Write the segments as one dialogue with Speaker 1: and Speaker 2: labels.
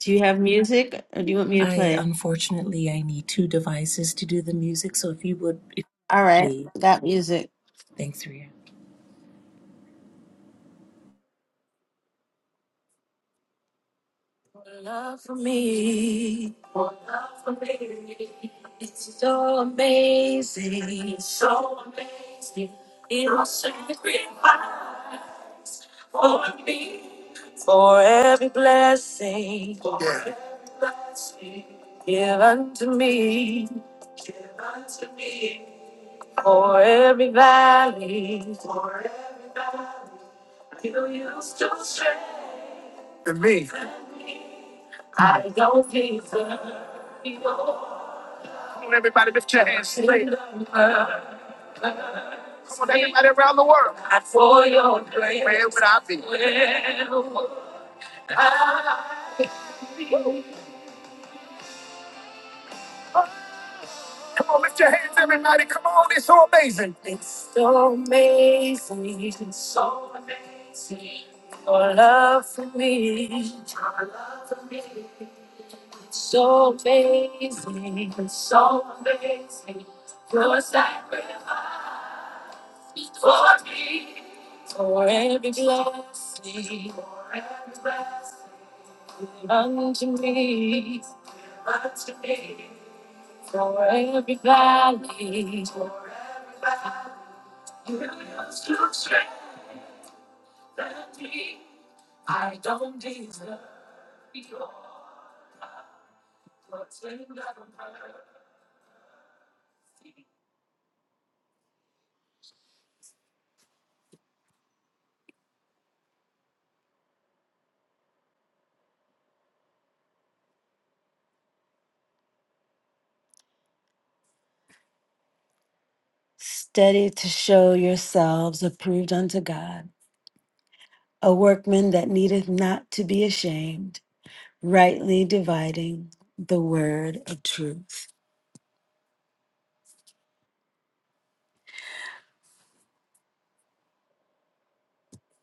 Speaker 1: Do you have music or do you want me to
Speaker 2: I
Speaker 1: play?
Speaker 2: unfortunately I need two devices to do the music, so if you would if
Speaker 1: All right,
Speaker 2: please.
Speaker 1: got music.
Speaker 2: Thanks, Ria.
Speaker 1: Love For me, it's so amazing. So amazing. For every blessing. For me. Come on, everybody, lift your hands. straight. Come on, everybody around the world. Not for your grace. Where would I be? Where would Come on, lift your hands, everybody. Come on, it's so amazing.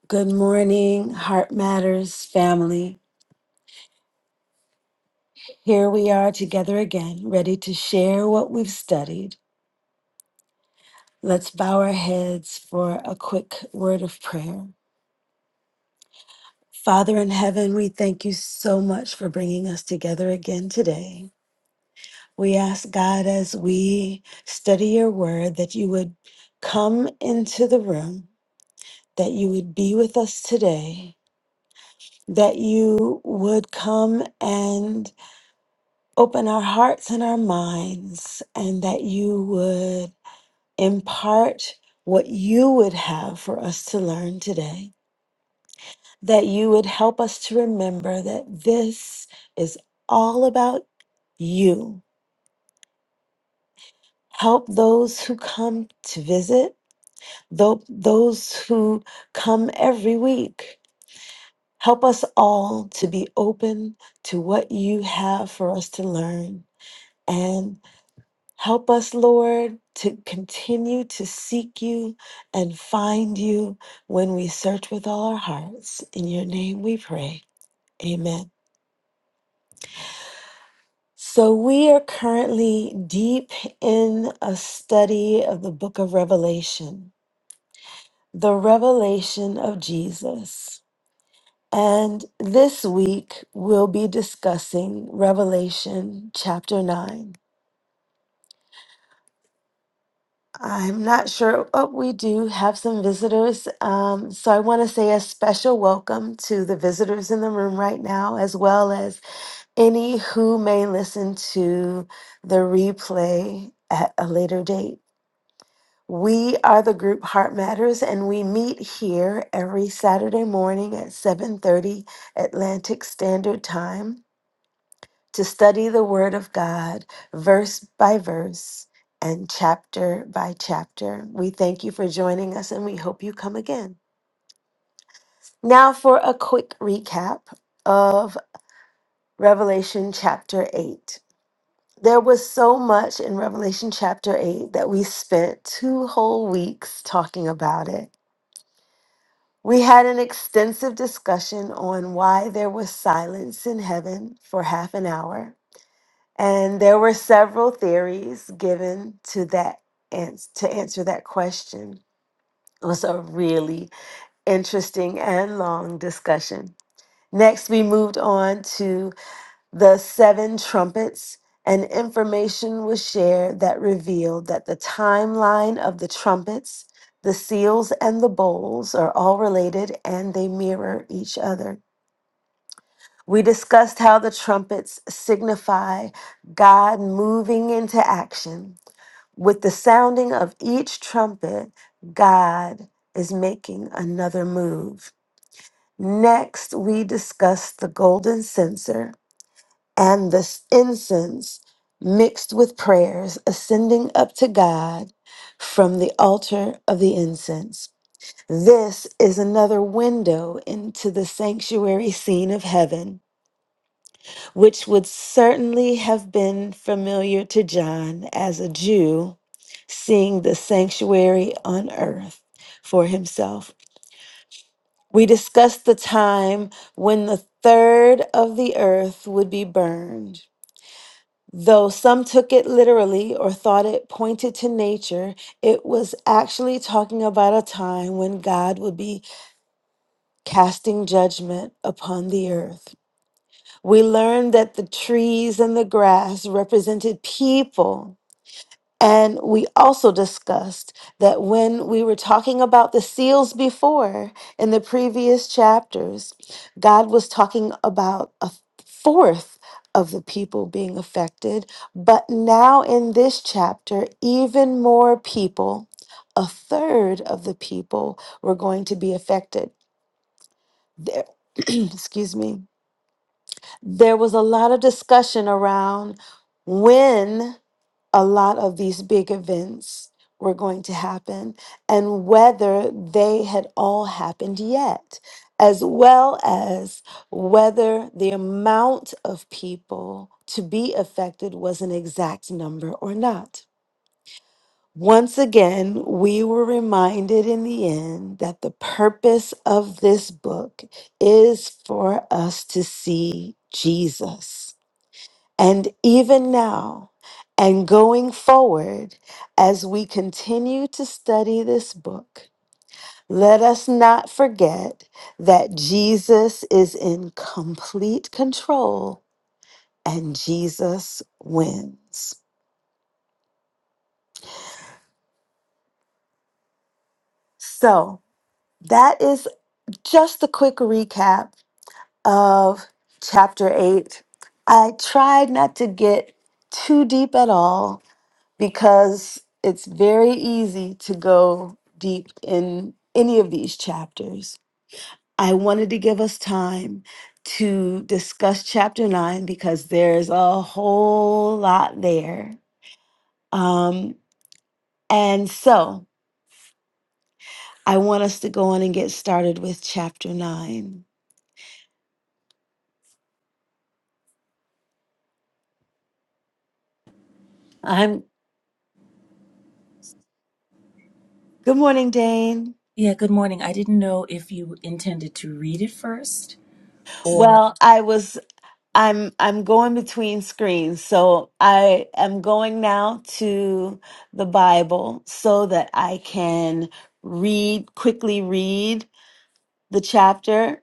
Speaker 1: Good morning, Heart Matters family. Here we are together again, ready to share what we've studied. Let's bow our heads for a quick word of prayer. Father in heaven, we thank you so much for bringing us together again today. We ask God as we study your word that you would come into the room, that you would be with us today, that you would come and open our hearts and our minds, and that you would impart what you would have for us to learn today. that you would help us to remember that this is all about you. Help those who come to visit, tho- those who come every week. Help us all to be open to what you have for us to learn. And help us, Lord, to continue to seek you and find you when we search with all our hearts. In your name we pray. Amen. So, we are currently deep in a study of the book of Revelation, the revelation of Jesus. And this week, we'll be discussing Revelation chapter 9. I'm not sure. Oh, we do have some visitors. Um, so I want to say a special welcome to the visitors in the room right now, as well as any who may listen to the replay at a later date. We are the group Heart Matters and we meet here every Saturday morning at 7:30 Atlantic Standard Time to study the word of God verse by verse and chapter by chapter. We thank you for joining us and we hope you come again. Now for a quick recap of Revelation chapter 8. There was so much in Revelation chapter 8 that we spent two whole weeks talking about it. We had an extensive discussion on why there was silence in heaven for half an hour, and there were several theories given to that ans- to answer that question. It was a really interesting and long discussion. Next, we moved on to the seven trumpets, and information was shared that revealed that the timeline of the trumpets, the seals, and the bowls are all related and they mirror each other. We discussed how the trumpets signify God moving into action. With the sounding of each trumpet, God is making another move. Next, we discussed the golden censer and the incense mixed with prayers ascending up to God from the altar of the incense. This is another window into the sanctuary scene of heaven, which would certainly have been familiar to John as a Jew seeing the sanctuary on earth for himself. We discussed the time when the third of the earth would be burned Though some took it literally or thought it pointed to nature, it was actually talking about a time when God would be casting judgment upon the earth. We learned that the trees and the grass represented people and we also discussed that when we were talking about the seals before in the previous chapters, God was talking about a fourth of the people being affected. But now in this chapter, even more people, a third of the people, were going to be affected. There, excuse me. There was a lot of discussion around when a lot of these big events were going to happen and whether they had all happened yet, as well as whether the amount of people to be affected was an exact number or not. Once again, we were reminded in the end that the purpose of this book is for us to see Jesus and even now, and going forward, as we continue to study this book, let us not forget that Jesus is in complete control and Jesus wins. So, that is just a quick recap of chapter 8. I tried not to get too deep at all because it's very easy to go deep in any of these chapters. I wanted to give us time to discuss chapter nine because there's a whole lot there. Um, and so I want us to go on and get started with chapter nine. I'm good morning, Dane.
Speaker 2: Yeah, good morning. I didn't know if you intended to read it first or
Speaker 1: Well, I was I'm I'm going between screens. So I am going now to the Bible so that I can read quickly read the chapter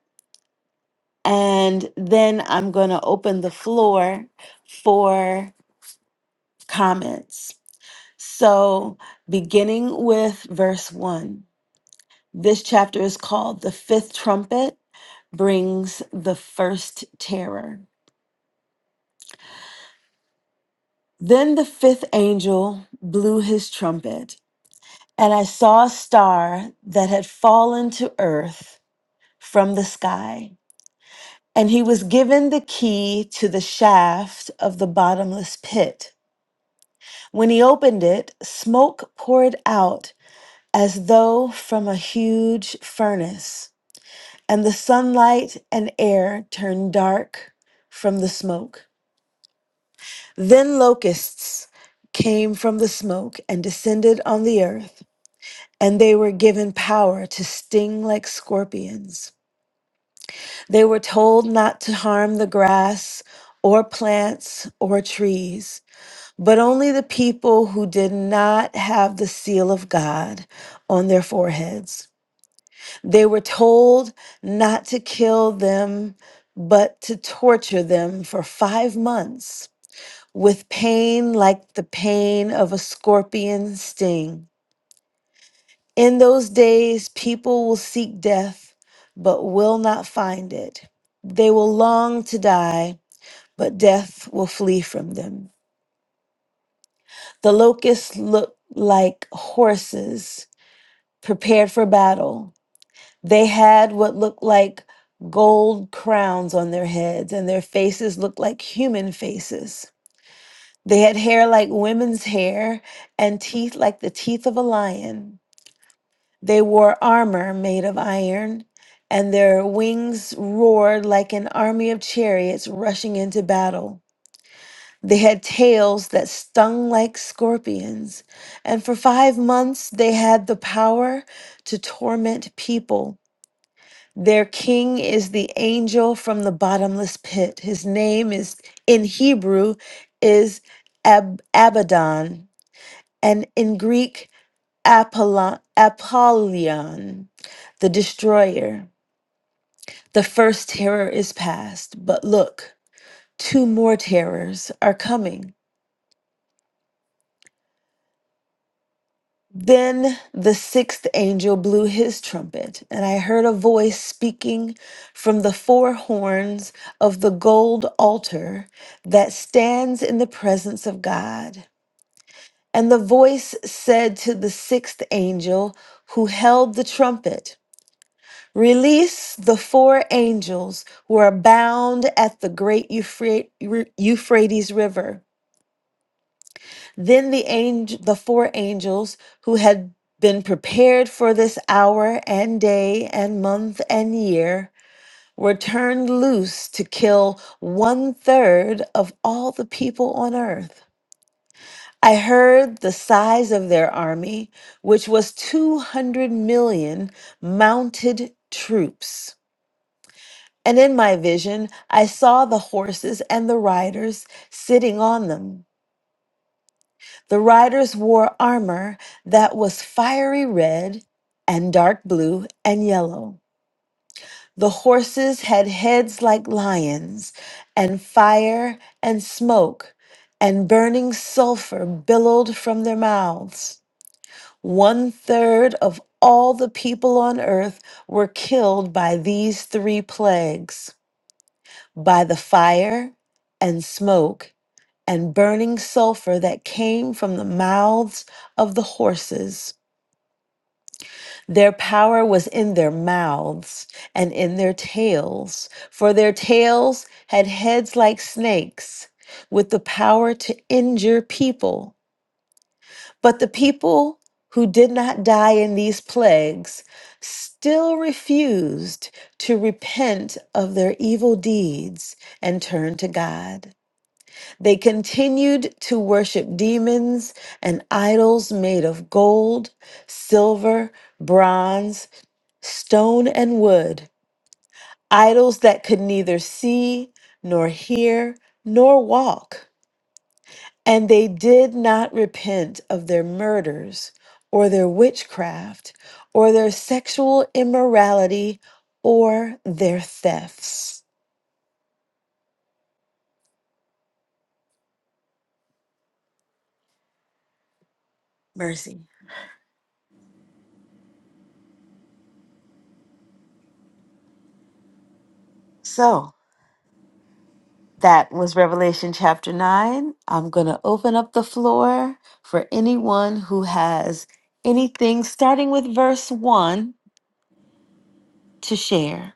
Speaker 1: and then I'm going to open the floor for comments. So beginning with verse 1. This chapter is called The Fifth Trumpet brings the first terror. Then the fifth angel blew his trumpet And I saw a star that had fallen to earth from the sky. And he was given the key to the shaft of the bottomless pit. When he opened it, smoke poured out as though from a huge furnace, and the sunlight and air turned dark from the smoke. Then locusts came from the smoke and descended on the earth, and they were given power to sting like scorpions. They were told not to harm the grass or plants or trees, but only the people who did not have the seal of God on their foreheads. They were told not to kill them, but to torture them for five months with pain like the pain of a scorpion sting. In those days, people will seek death, but will not find it. They will long to die but death will flee from them. The locusts looked like horses prepared for battle. They had what looked like gold crowns on their heads, and their faces looked like human faces. They had hair like women's hair and teeth like the teeth of a lion. They wore armor made of iron, and their wings roared like an army of chariots rushing into battle. They had tails that stung like scorpions, and for five months they had the power to torment people. Their king is the angel from the bottomless pit. His name is in Hebrew is Ab- Abaddon, and in Greek Apollon, Apollyon, the destroyer. The first terror is past, but look, two more terrors are coming. Then the sixth angel blew his trumpet, and I heard a voice speaking from the four horns of the gold altar that stands in the presence of God. And the voice said to the sixth angel who held the trumpet, Release the four angels who are bound at the great Euphra- Euphrates River. Then the angel, the four angels who had been prepared for this hour and day and month and year were turned loose to kill one third of all the people on earth. I heard the size of their army, which was 200 million mounted troops. And in my vision, I saw the horses and the riders sitting on them. The riders wore armor that was fiery red and dark blue and yellow. The horses had heads like lions, and fire and smoke and burning sulfur billowed from their mouths. One third of all the people on earth were killed by these three plagues by the fire and smoke and burning sulfur that came from the mouths of the horses. Their power was in their mouths and in their tails, for their tails had heads like snakes, with the power to injure people. But the people who did not die in these plagues still refused to repent of their evil deeds and turn to God. They continued to worship demons and idols made of gold, silver, bronze, stone, and wood, idols that could neither see, nor hear, nor walk. And they did not repent of their murders, or their witchcraft, or their sexual immorality, or their thefts. Mercy. So, That was Revelation chapter 9. I'm going to open up the floor for anyone who has anything starting with verse 1 to share.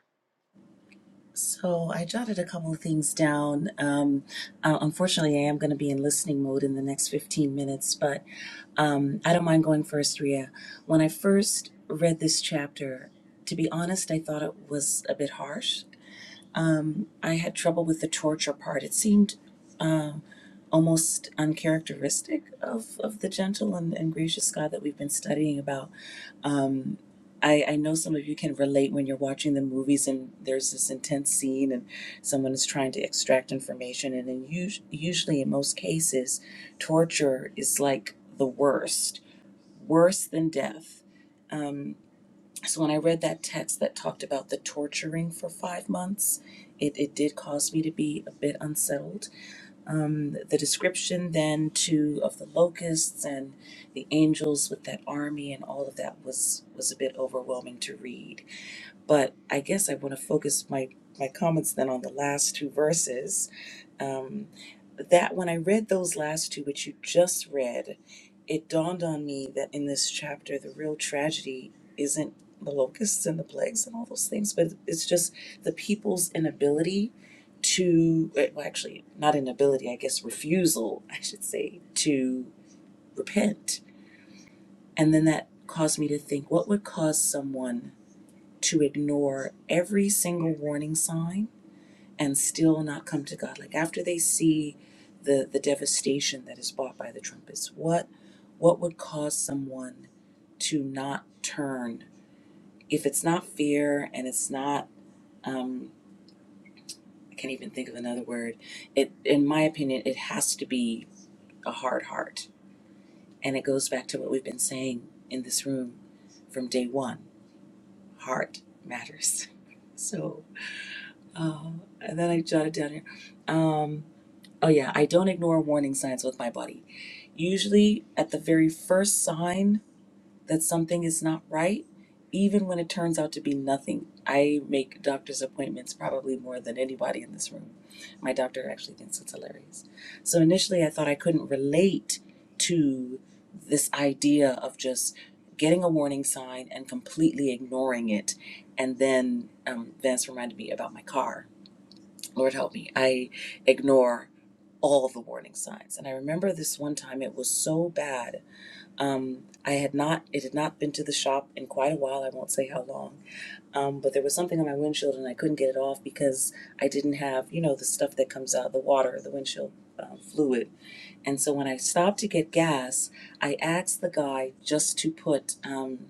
Speaker 2: So I jotted a couple of things down. Um, uh, unfortunately, I am going to be in listening mode in the next 15 minutes, but um, I don't mind going first, Ria. When I first read this chapter, to be honest, I thought it was a bit harsh. I had trouble with the torture part. It seemed almost uncharacteristic of, of the gentle and, and gracious God that we've been studying about. I, I know some of you can relate when you're watching the movies and there's this intense scene and someone is trying to extract information. And then us- usually, in most cases, torture is like the worst, worse than death. Um, so when I read that text that talked about the torturing for five months, it, it did cause me to be a bit unsettled Um, the description then too of the locusts and the angels with that army and all of that was was a bit overwhelming to read but i guess i want to focus my my comments then on the last two verses um, that when I read those last two, which you just read, it dawned on me that in this chapter, the real tragedy isn't the locusts and the plagues and all those things, but it's just the people's inability to, eh, well, actually, not inability, I guess, refusal, I should say, to repent. And then that caused me to think what would cause someone to ignore every single warning sign? and still not come to God? Like after they see the the devastation that is brought by the trumpets, what what would cause someone to not turn? If it's not fear and it's not um, I can't even think of another word. It in my opinion, it has to be a hard heart. And it goes back to what we've been saying in this room from day one. Heart matters. So uh, and then I jotted down here. Um, oh yeah, I don't ignore warning signs with my body Usually, at the very first sign that something is not right, even when it turns out to be nothing, I make doctor's appointments probably more than anybody in this room. My doctor actually thinks it's hilarious. So initially, I thought I couldn't relate to this idea of just getting a warning sign and completely ignoring it. And then um, Vance reminded me about my car. Lord help me, I ignore all the warning signs. And I remember this one time, it was so bad um, I had not, it had not been to the shop in quite a while. I won't say how long. Um, but there was something on my windshield and I couldn't get it off because I didn't have, you know, the stuff that comes out, the water, the windshield um, fluid. And so when I stopped to get gas, I asked the guy just to put um,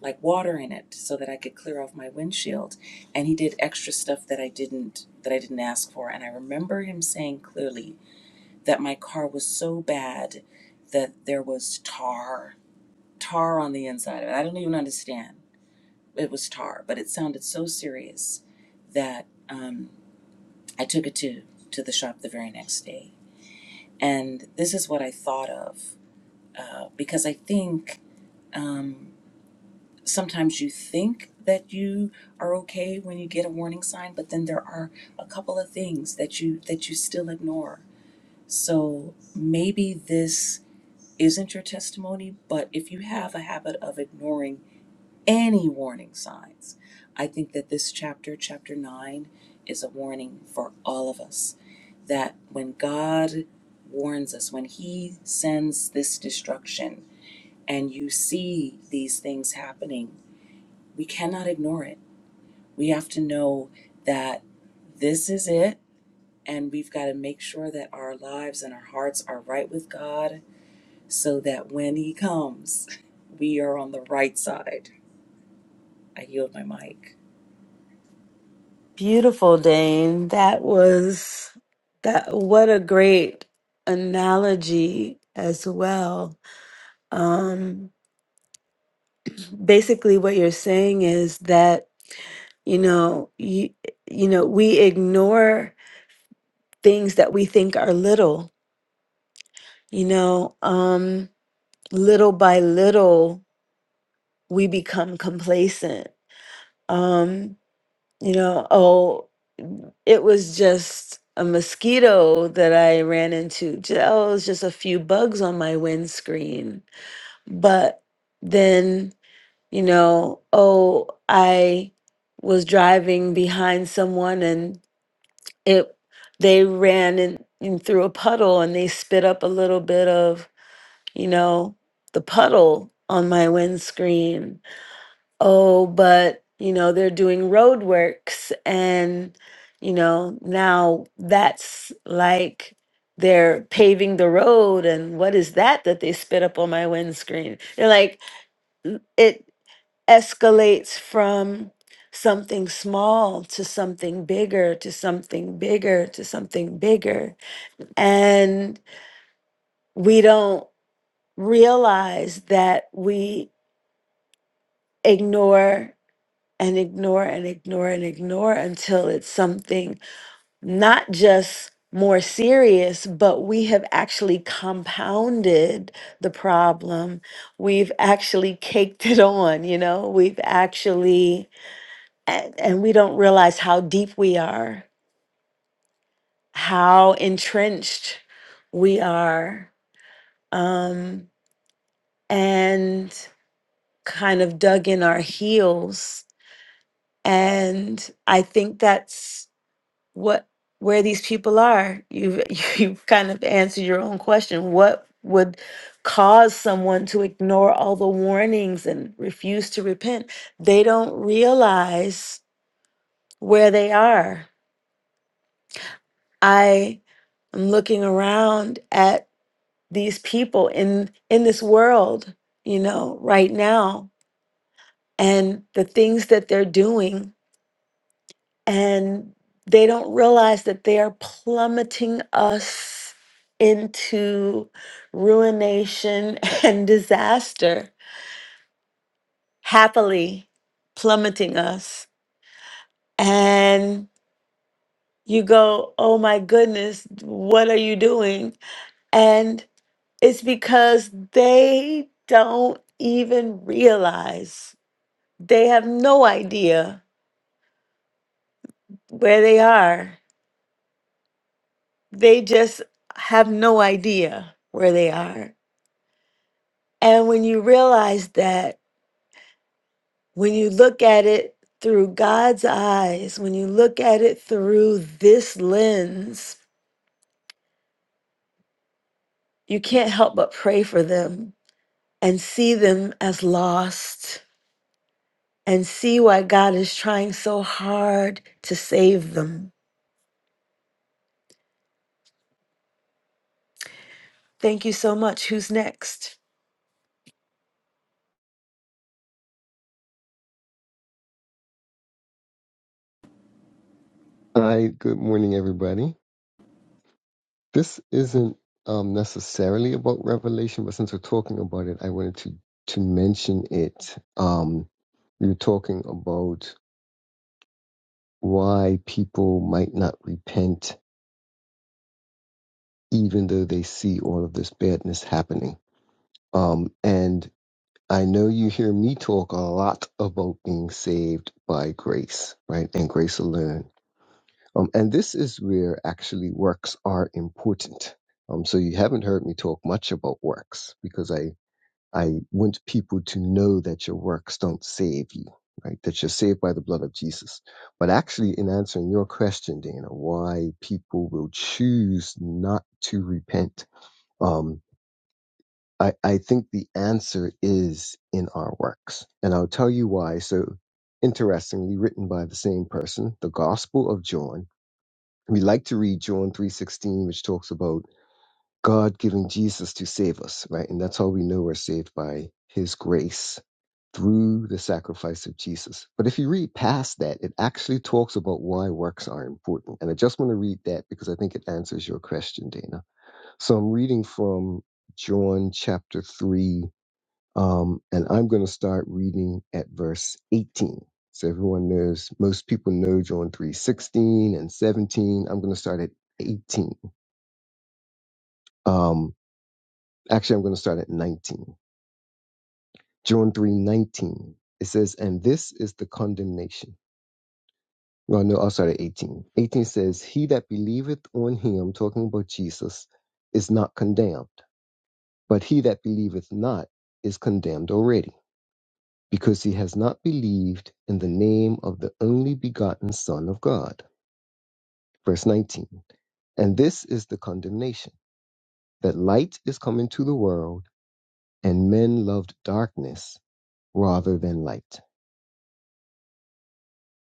Speaker 2: like water in it so that I could clear off my windshield. And he did extra stuff that I didn't, that I didn't ask for. And I remember him saying clearly that my car was so bad that there was tar tar on the inside of it. I don't even understand. It was tar, but it sounded so serious that um, I took it to, to the shop the very next day. And this is what I thought of uh, because I think um, sometimes you think that you are okay when you get a warning sign, but then there are a couple of things that you that you still ignore. So maybe this isn't your testimony, but if you have a habit of ignoring any warning signs. I think that this chapter, chapter 9, is a warning for all of us that when God warns us, when He sends this destruction, and you see these things happening, we cannot ignore it. We have to know that this is it, and we've got to make sure that our lives and our hearts are right with God so that when He comes, we are on the right side. I yield my mic.
Speaker 1: Beautiful, Dane. That was that what a great analogy as well. Um basically what you're saying is that, you know, you, you know, we ignore things that we think are little, you know, um little by little we become complacent. Um, you know, oh, it was just a mosquito that I ran into. Ju- Oh, it was just a few bugs on my windscreen. But then, you know, oh, I was driving behind someone and it they ran in, in through a puddle and they spit up a little bit of, you know, the puddle on my windscreen oh, but you know, they're doing road works and you know, now that's like they're paving the road and what is that that they spit up on my windscreen? They're like l- it escalates from something small to something bigger to something bigger to something bigger and we don't realize that we ignore and ignore and ignore and ignore until it's something not just more serious, but we have actually compounded the problem. We've actually caked it on, you know, we've actually, and, and we don't realize how deep we are, how entrenched we are, um, and kind of dug in our heels. And I think that's what where these people are. You've you've kind of answered your own question. What would cause someone to ignore all the warnings and refuse to repent? They don't realize where they are. I am looking around at these people in in this world, you know, right now and the things that they're doing and they don't realize that they are plummeting us into ruination and disaster, happily plummeting us. And you go, oh my goodness, what are you doing? And it's because they don't even realize, they have no idea where they are. They just have no idea where they are And when you realize that, when you look at it through God's eyes, when you look at it through this lens, you can't help but pray for them and see them as lost and see why God is trying so hard to save them. Thank you so much. Who's next?
Speaker 3: Hi, good morning, everybody. This isn't um, necessarily about Revelation, but since we're talking about it, I wanted to to mention it. Um, we were talking about why people might not repent, even though they see all of this badness happening. Um, and I know you hear me talk a lot about being saved by grace, right, and grace alone Um, and this is where actually works are important. Um, so you haven't heard me talk much about works because I, I want people to know that your works don't save you, right? That you're saved by the blood of Jesus. But actually, in answering your question, Dana, why people will choose not to repent, um, I, I think the answer is in our works. And I'll tell you why. So, interestingly, written by the same person, the Gospel of John we like to read John 3:16 which talks about God giving Jesus to save us, right? And that's how we know we're saved by his grace through the sacrifice of Jesus. But if you read past that, it actually talks about why works are important. And I just want to read that because I think it answers your question, Dana. So I'm reading from John chapter 3 um, and I'm going to start reading at verse 18. So everyone knows, most people know John 3:16 and 17. I'm going to start at 18. Um, actually, I'm going to start at 19. John 3:19. It says, and this is the condemnation. Well, no, I'll start at 18. 18 says, he that believeth on him, talking about Jesus, is not condemned, but he that believeth not is condemned already because he has not believed in the name of the only begotten Son of God. Verse 19. And this is the condemnation that light is come into the world, and men loved darkness rather than light,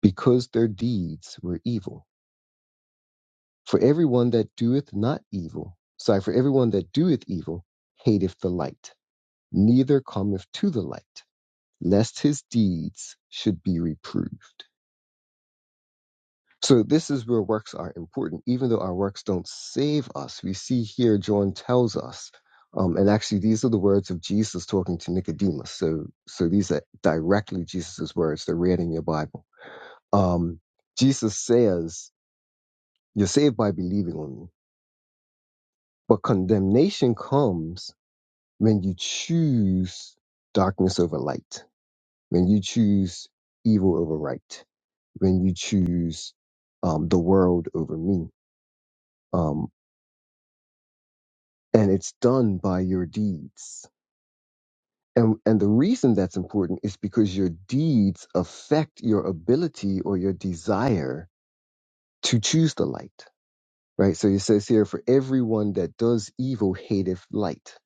Speaker 3: because their deeds were evil. For everyone that doeth not evil, sorry, for everyone that doeth evil hateth the light, neither cometh to the light, lest his deeds should be reproved. So this is where works are important, even though our works don't save us. We see here John tells us, um, and actually these are the words of Jesus talking to Nicodemus. So so these are directly Jesus's words. They're read in your Bible. Um, Jesus says, "You're saved by believing on me," but condemnation comes when you choose darkness over light, when you choose evil over right, when you choose um, the world over me Um, and it's done by your deeds. And, and the reason that's important is because your deeds affect your ability or your desire to choose the light, right? So it says here, for everyone that does evil hateth light,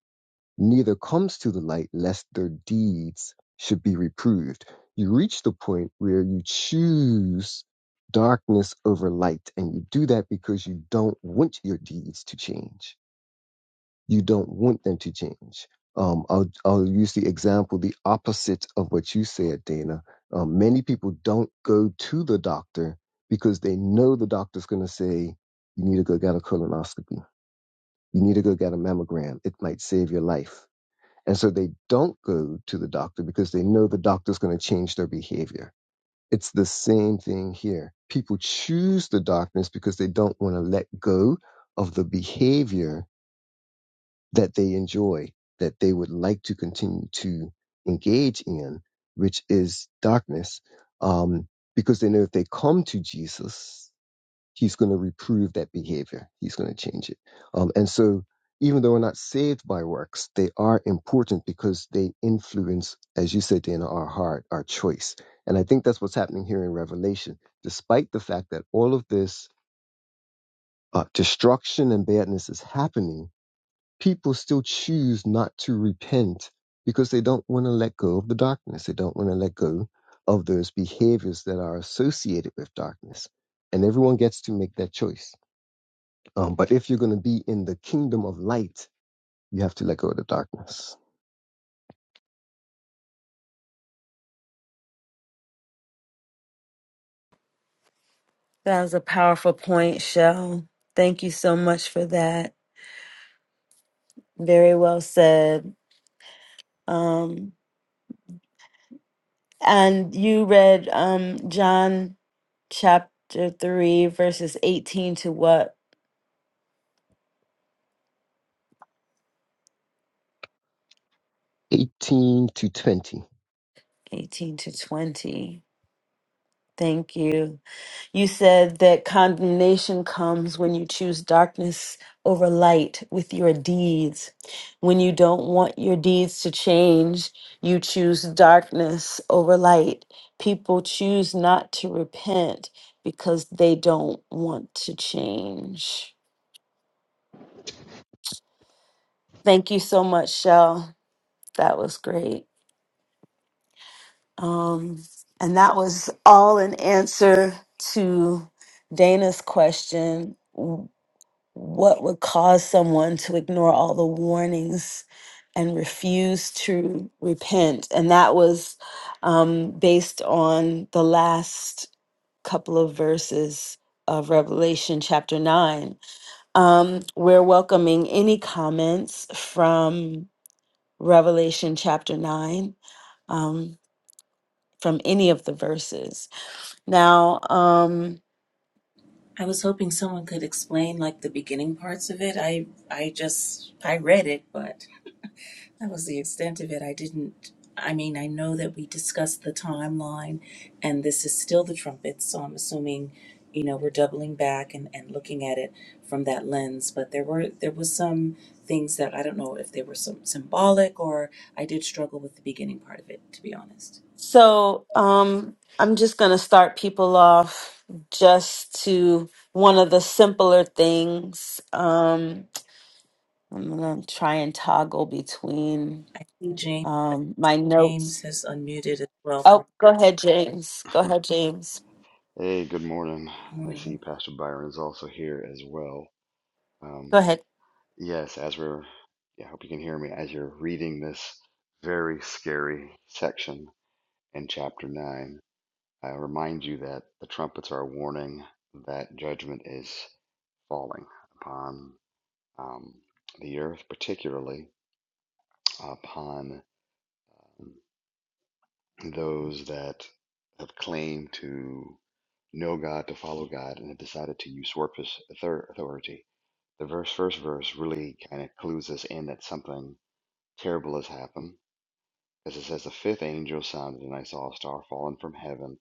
Speaker 3: neither comes to the light lest their deeds should be reproved. You reach the point where you choose darkness over light, and you do that because you don't want your deeds to change you don't want them to change. Um, I'll, I'll use the example, the opposite of what you said, Dana. Um, many people don't go to the doctor because they know the doctor's going to say, you need to go get a colonoscopy. You need to go get a mammogram. It might save your life. And so they don't go to the doctor because they know the doctor's going to change their behavior. It's the same thing here. People choose the darkness because they don't want to let go of the behavior that they enjoy, that they would like to continue to engage in, which is darkness, um, because they know if they come to Jesus, He's going to reprove that behavior. He's going to change it. Um, and so, even though we're not saved by works, they are important because they influence, as you said, Dana, our heart, our choice. And I think that's what's happening here in Revelation. Despite the fact that all of this uh, destruction and badness is happening, people still choose not to repent because they don't want to let go of the darkness. They don't want to let go of those behaviors that are associated with darkness. And everyone gets to make that choice. Um, but if you're going to be in the kingdom of light, you have to let go of the darkness.
Speaker 1: That was a powerful point, Shell. Thank you so much for that. Very well said. Um, and you read um, John chapter 3, verses 18 to what?
Speaker 3: 18 to 20.
Speaker 1: 18 to 20. Thank you. You said that condemnation comes when you choose darkness over light with your deeds. When you don't want your deeds to change, you choose darkness over light. People choose not to repent because they don't want to change. Thank you so much, Shell. That was great. Um, and that was all an answer to Dana's question w- what would cause someone to ignore all the warnings and refuse to repent? And that was um, based on the last couple of verses of Revelation chapter 9. Um, we're welcoming any comments from Revelation chapter 9, um, from any of the verses. Now, um,
Speaker 2: I was hoping someone could explain like the beginning parts of it. I I just I read it, but that was the extent of it. I didn't I mean, I know that we discussed the timeline and this is still the trumpets, so I'm assuming, you know, we're doubling back and, and looking at it from that lens. But there were there was some things that I don't know if they were some symbolic or I did struggle with the beginning part of it, to be honest.
Speaker 1: so um, I'm just going to start people off just to one of the simpler things. Um, I'm going to try and toggle between
Speaker 2: I think James
Speaker 1: um, my
Speaker 2: James
Speaker 1: notes.
Speaker 2: has unmuted as well.
Speaker 1: Oh, go ahead, James. Go ahead, James.
Speaker 4: Hey, good morning.
Speaker 2: Good
Speaker 4: And I
Speaker 2: morning.
Speaker 4: see Pastor Byron is also here as well.
Speaker 1: Go
Speaker 4: Um,
Speaker 1: ahead.
Speaker 4: yes, as we're, yeah, I hope you can hear me, as you're reading this very scary section in chapter 9, I remind you that the trumpets are a warning that judgment is falling upon um, the earth, particularly upon um, those that have claimed to know God, to follow God, and have decided to usurp his author- authority. The verse, first verse really kind of clues us in that something terrible has happened. As it says, the fifth angel sounded, and I saw a star fallen from heaven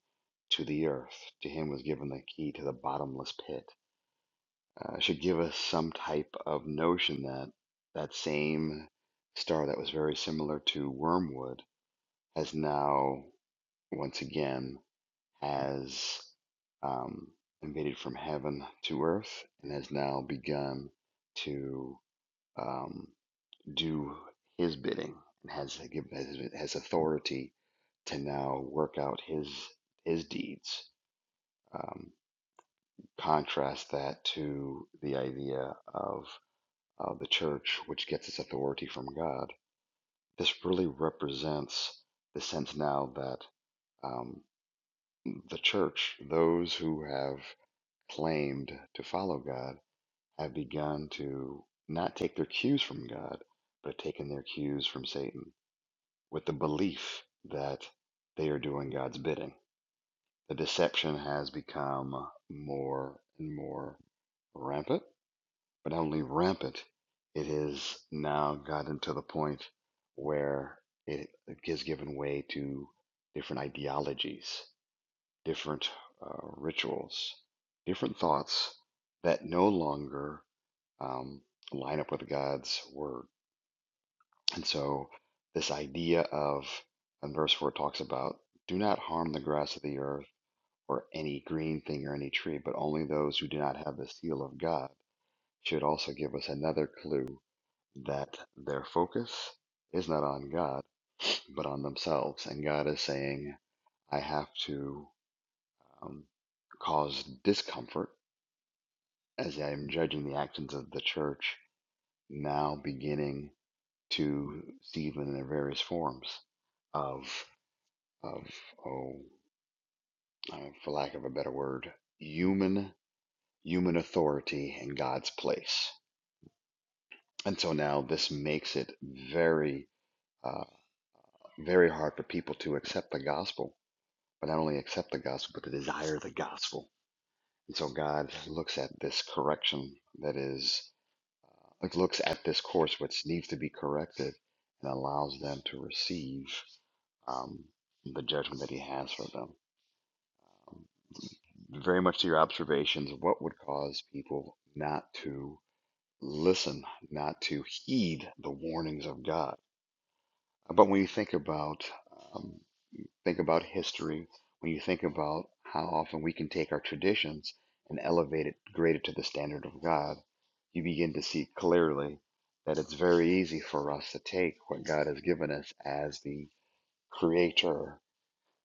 Speaker 4: to the earth. To him was given the key to the bottomless pit. Uh, it should give us some type of notion that that same star that was very similar to wormwood has now, once again, has um, invaded from heaven to earth and has now begun to um, do his bidding and has given has, authority to now work out his his deeds. Um, contrast that to the idea of uh, the church, which gets its authority from God. This really represents the sense now that um, the church, those who have claimed to follow God have begun to not take their cues from God, but taken their cues from Satan with the belief that they are doing God's bidding. The deception has become more and more rampant, but not only rampant, it has now gotten to the point where it has given way to different ideologies, different uh, rituals, different thoughts that no longer um, line up with God's word. And so, this idea of, in verse 4, it talks about do not harm the grass of the earth or any green thing or any tree, but only those who do not have the seal of God should also give us another clue that their focus is not on God, but on themselves. And God is saying, I have to um, cause discomfort as I'm judging the actions of the church now beginning to Stephen in their various forms of of oh, uh, for lack of a better word, human human authority in God's place. And so now this makes it very uh, very hard for people to accept the gospel, but not only accept the gospel, but to desire the gospel. And so God looks at this correction that is like looks at this course which needs to be corrected and allows them to receive um, the judgment that He has for them. very much to your observations of what would cause people not to listen, not to heed the warnings of God. But when you think about um, think about history, when you think about how often we can take our traditions and elevate it, grade it to the standard of God, you begin to see clearly that it's very easy for us to take what God has given us as the creator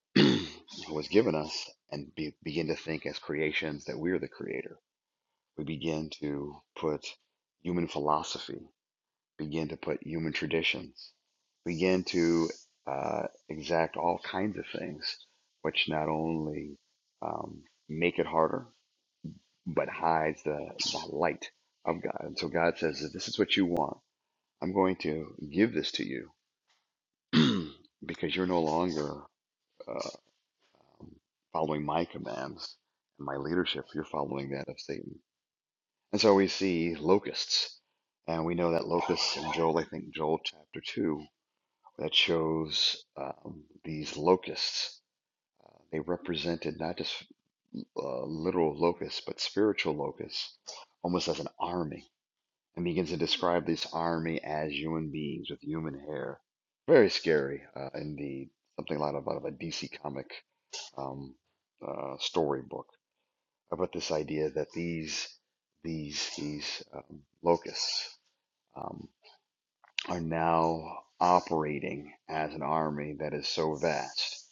Speaker 4: who has given us and be, begin to think as creations that we're the creator we begin to put human philosophy, begin to put human traditions, begin to uh, exact all kinds of things, which not only um, make it harder, but hides the, the light of God. And so God says, if this is what you want, I'm going to give this to you because you're no longer uh, following my commands and my leadership. You're following that of Satan. And so we see locusts, and we know that locusts in Joel, I think Joel chapter 2, that shows um, these locusts. Uh, they represented not just uh, literal locusts, but spiritual locusts, almost as an army, and begins to describe this army as human beings with human hair. Very scary, uh, indeed. Something out of, out of a DC comic um, uh, storybook about this idea that these these these um, locusts um, are now operating as an army that is so vast.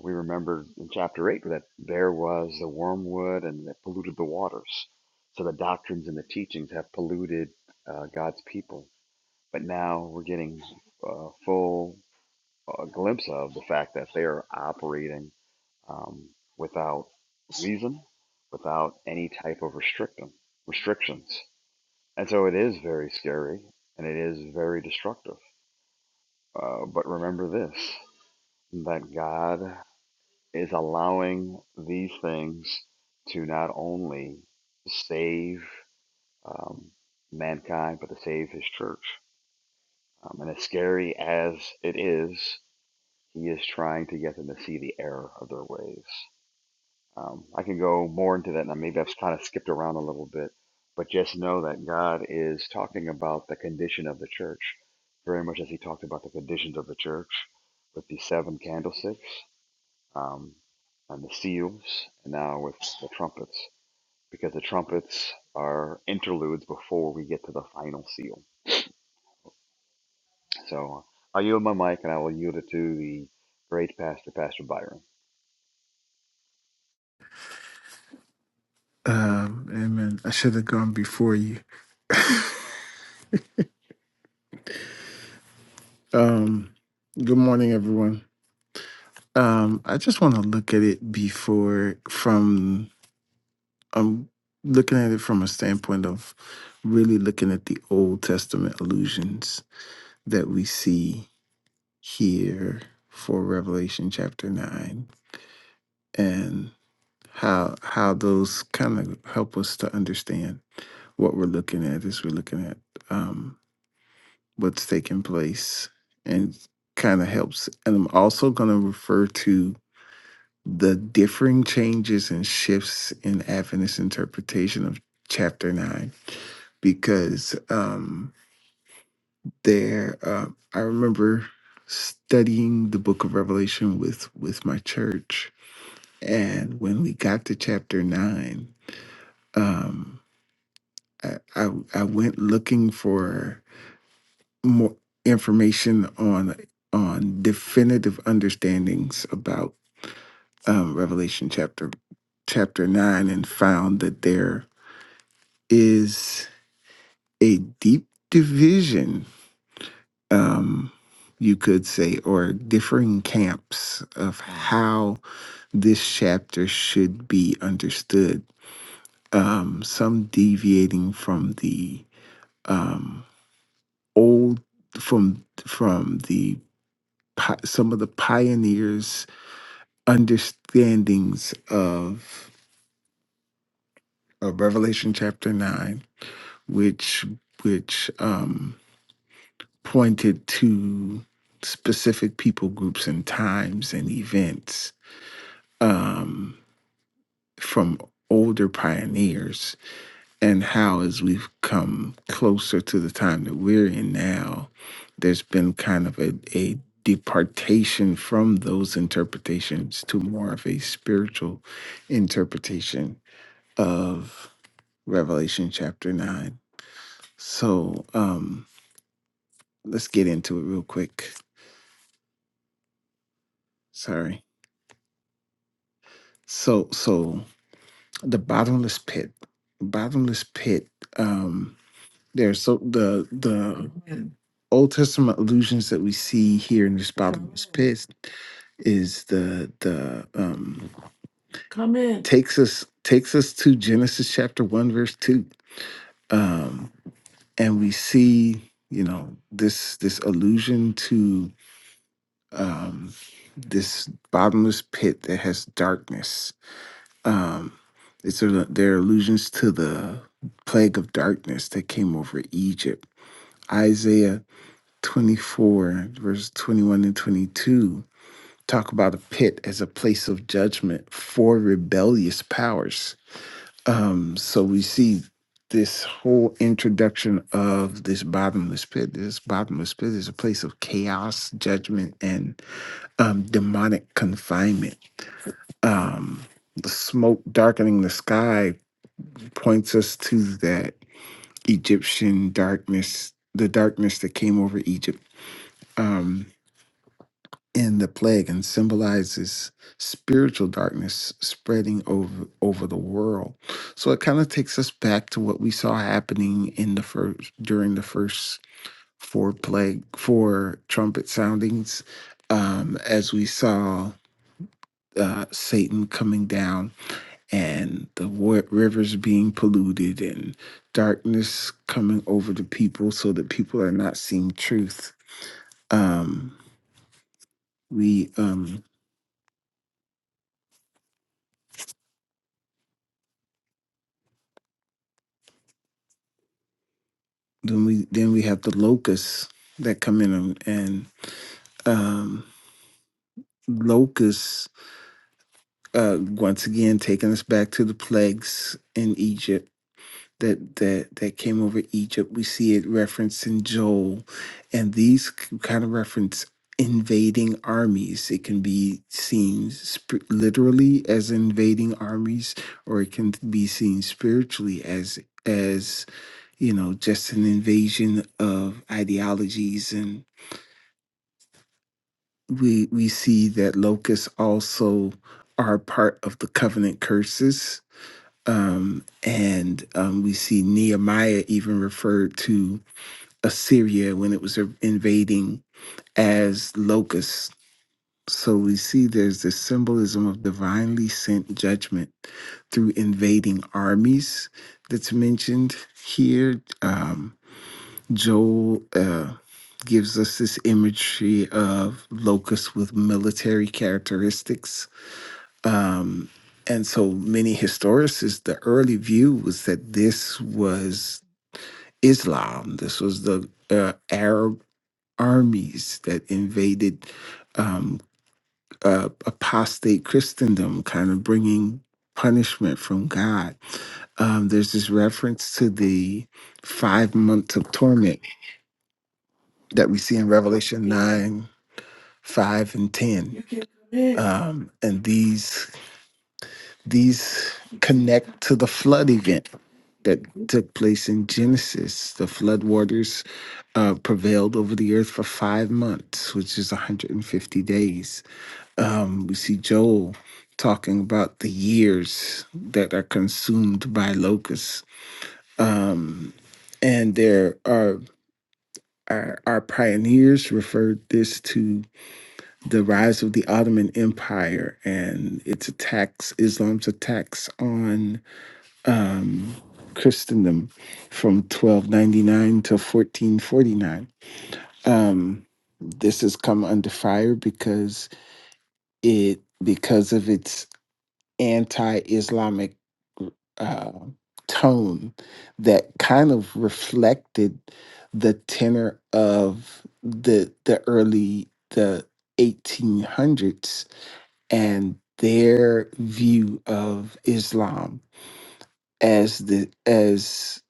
Speaker 4: We remember in chapter 8 that there was the wormwood and that polluted the waters. So the doctrines and the teachings have polluted uh, God's people. But now we're getting a full uh, glimpse of the fact that they are operating um, without reason, without any type of restriction, restrictions. And so it is very scary and it is very destructive. Uh, but remember this that God is allowing these things to not only save um, mankind, but to save his church. Um, and as scary as it is, he is trying to get them to see the error of their ways. Um, I can go more into that now. Maybe I've kind of skipped around a little bit, but just know that God is talking about the condition of the church, very much as He talked about the conditions of the church with the seven candlesticks um, and the seals, and now with the trumpets, because the trumpets are interludes before we get to the final seal. So I'll yield my mic and I will yield it to the great pastor, Pastor Byron.
Speaker 5: Um, amen. I should have gone before you. Um, good morning, everyone. Um, I just want to look at it before from I'm looking at it from a standpoint of really looking at the Old Testament allusions that we see here for Revelation chapter nine and how how those kind of help us to understand what we're looking at as we're looking at. um, what's taking place and kind of helps. And I'm also going to refer to the differing changes and shifts in Adventist interpretation of chapter nine because um, there, uh, I remember studying the book of Revelation with with my church, and when we got to chapter nine, um, I, I I went looking for. more information on on definitive understandings about um, Revelation chapter chapter nine and found that there is a deep division, um, you could say, or differing camps of how this chapter should be understood. Um, some deviating from the um, old from from the pi- some of the pioneers understandings of, of Revelation chapter nine, which which um, pointed to specific people groups and times and events um, from older pioneers, and how as we've come closer to the time that we're in now, there's been kind of a, a departation from those interpretations to more of a spiritual interpretation of Revelation chapter 9. So, um let's get into it real quick. Sorry. So, so the bottomless pit. Bottomless pit um there's so the the Old Testament allusions that we see here in this bottomless pit is the the um Come in. takes us takes us to Genesis chapter 1 verse 2. Um and we see, you know, this this allusion to um, this bottomless pit that has darkness. Um, it's a, there are allusions to the plague of darkness that came over Egypt. Isaiah 24, verse 21 and 22 talk about a pit as a place of judgment for rebellious powers. Um, so we see this whole introduction of this bottomless pit. This bottomless pit is a place of chaos, judgment, and um, demonic confinement Um, the smoke darkening the sky points us to that Egyptian darkness, the darkness that came over Egypt um, in the plague, and symbolizes spiritual darkness spreading over over the world. So it kind of takes us back to what we saw happening in the first during the first four plague four trumpet soundings, um, as we saw uh, Satan coming down. and the wa- rivers being polluted and darkness coming over the people so that people are not seeing truth um we um then we then we have the locusts that come in and, and um locusts uh once again taking us back to the plagues in egypt that that that came over Egypt. We see it referenced in Joel, and these c- kind of reference invading armies. It can be seen sp- literally as invading armies, or it can be seen spiritually as as you know just an invasion of ideologies and we we see that locusts also are part of the covenant curses um, and um, we see Nehemiah even referred to Assyria when it was invading as locusts. So we see there's this symbolism of divinely sent judgment through invading armies that's mentioned here. Um, Joel uh, gives us this imagery of locusts with military characteristics. Um, and so many historicists, the early view was that this was Islam. This was the uh, Arab armies that invaded um, uh, apostate Christendom, kind of bringing punishment from God. Um, there's this reference to the five months of torment that we see in Revelation 9, 5, and 10. Um, and these these connect to the flood event that took place in Genesis. The flood waters uh, prevailed over the earth for five months, which is 150 days Um, we see Joel talking about the years that are consumed by locusts. Um, and there are our, our pioneers referred this to the rise of the Ottoman Empire and its attacks, Islam's attacks on um, Christendom from 1299 to 1449. Um, this has come under fire because it because of its anti-Islamic uh, tone that kind of reflected the tenor of the the early the 1800s and their view of Islam as the as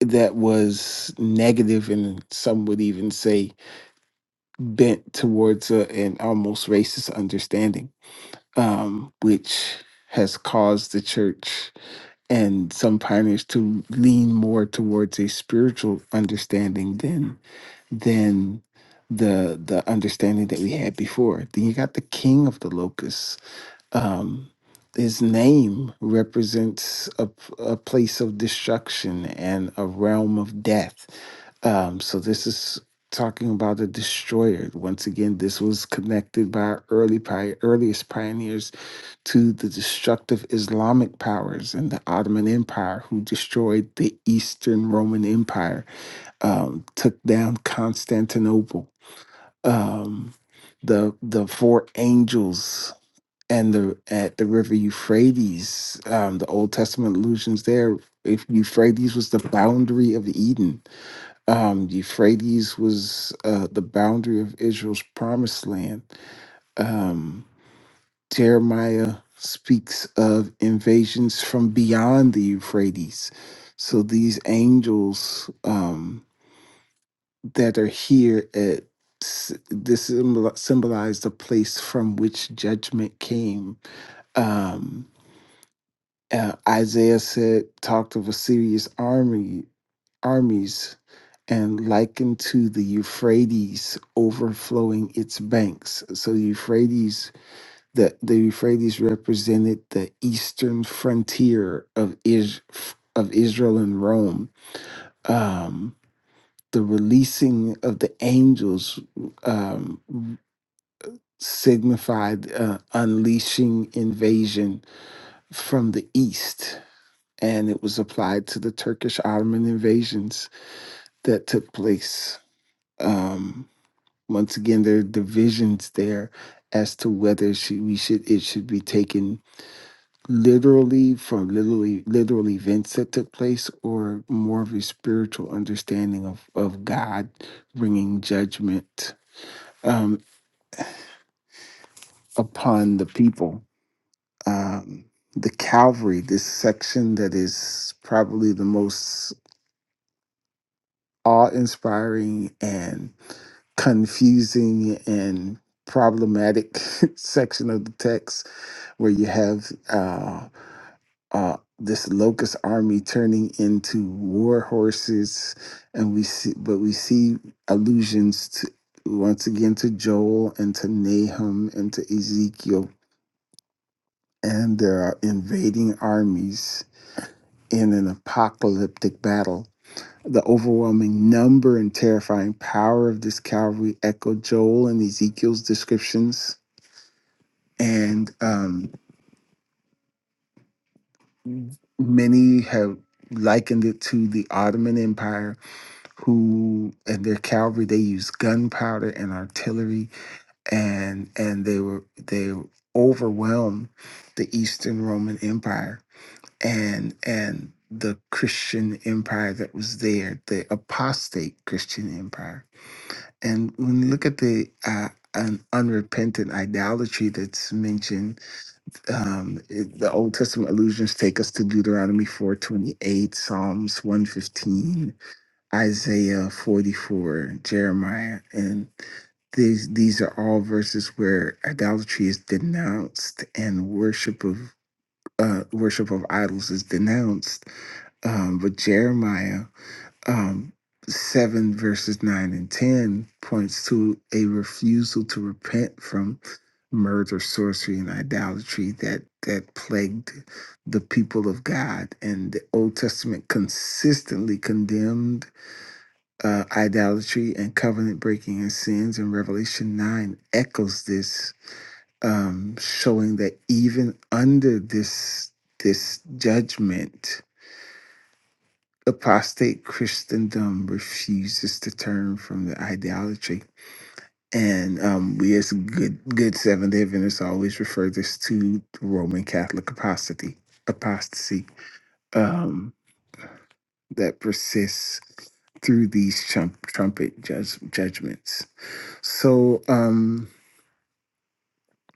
Speaker 5: that was negative and some would even say bent towards a, an almost racist understanding um, which has caused the church and some pioneers to lean more towards a spiritual understanding than than the the understanding that we had before. Then you got the king of the locusts. Um, his name represents a, a place of destruction and a realm of death. Um, so this is talking about a destroyer. Once again, this was connected by our early pi- earliest pioneers to the destructive Islamic powers and the Ottoman Empire, who destroyed the Eastern Roman Empire, um, took down Constantinople. Um, the the four angels and the at the river Euphrates, um, the Old Testament allusions there. If Euphrates was the boundary of Eden, um, Euphrates was uh, the boundary of Israel's promised land. Um, Jeremiah speaks of invasions from beyond the Euphrates. So these angels um, that are here at s- this symbol- symbolize the place from which judgment came. Um, uh, Isaiah said, talked of a serious army, armies, and likened to the Euphrates overflowing its banks. So Euphrates the the Euphrates represented the eastern frontier of is of Israel and Rome. Um, the releasing of the angels um, signified uh, unleashing invasion from the east, and it was applied to the Turkish Ottoman invasions that took place. Um, once again, there are divisions there as to whether she, we should it should be taken literally from literally literal events that took place or more of a spiritual understanding of of god bringing judgment um upon the people um the calvary this section that is probably the most awe-inspiring and confusing and problematic section of the text where you have uh, uh, this locust army turning into war horses, and we see, but we see allusions to once again to Joel and to Nahum and to Ezekiel, and there are invading armies in an apocalyptic battle. The overwhelming number and terrifying power of this cavalry echoed Joel and Ezekiel's descriptions, and um, many have likened it to the Ottoman Empire who and their cavalry they used gunpowder and artillery and and they were they overwhelmed the Eastern Roman Empire and and the Christian empire that was there, the apostate Christian empire. And when you look at the uh, an unrepentant idolatry that's mentioned, um, it- the Old Testament allusions take us to Deuteronomy 428, Psalms 115, Isaiah 44, Jeremiah, and these these are all verses where idolatry is denounced and worship of uh, worship of idols is denounced. Um, but Jeremiah um, seven verses nine and ten points to a refusal to repent from murder, sorcery, and idolatry that that plagued the people of God, and the Old Testament consistently condemned uh, idolatry and covenant breaking and sins in Revelation 9 echoes this, um, showing that even under this, this judgment, apostate Christendom refuses to turn from the idolatry. And um, we, as good good Seventh Day Adventists, always refer this to Roman Catholic apostasy, apostasy um, that persists through these trump, trumpet judge, judgments. So um,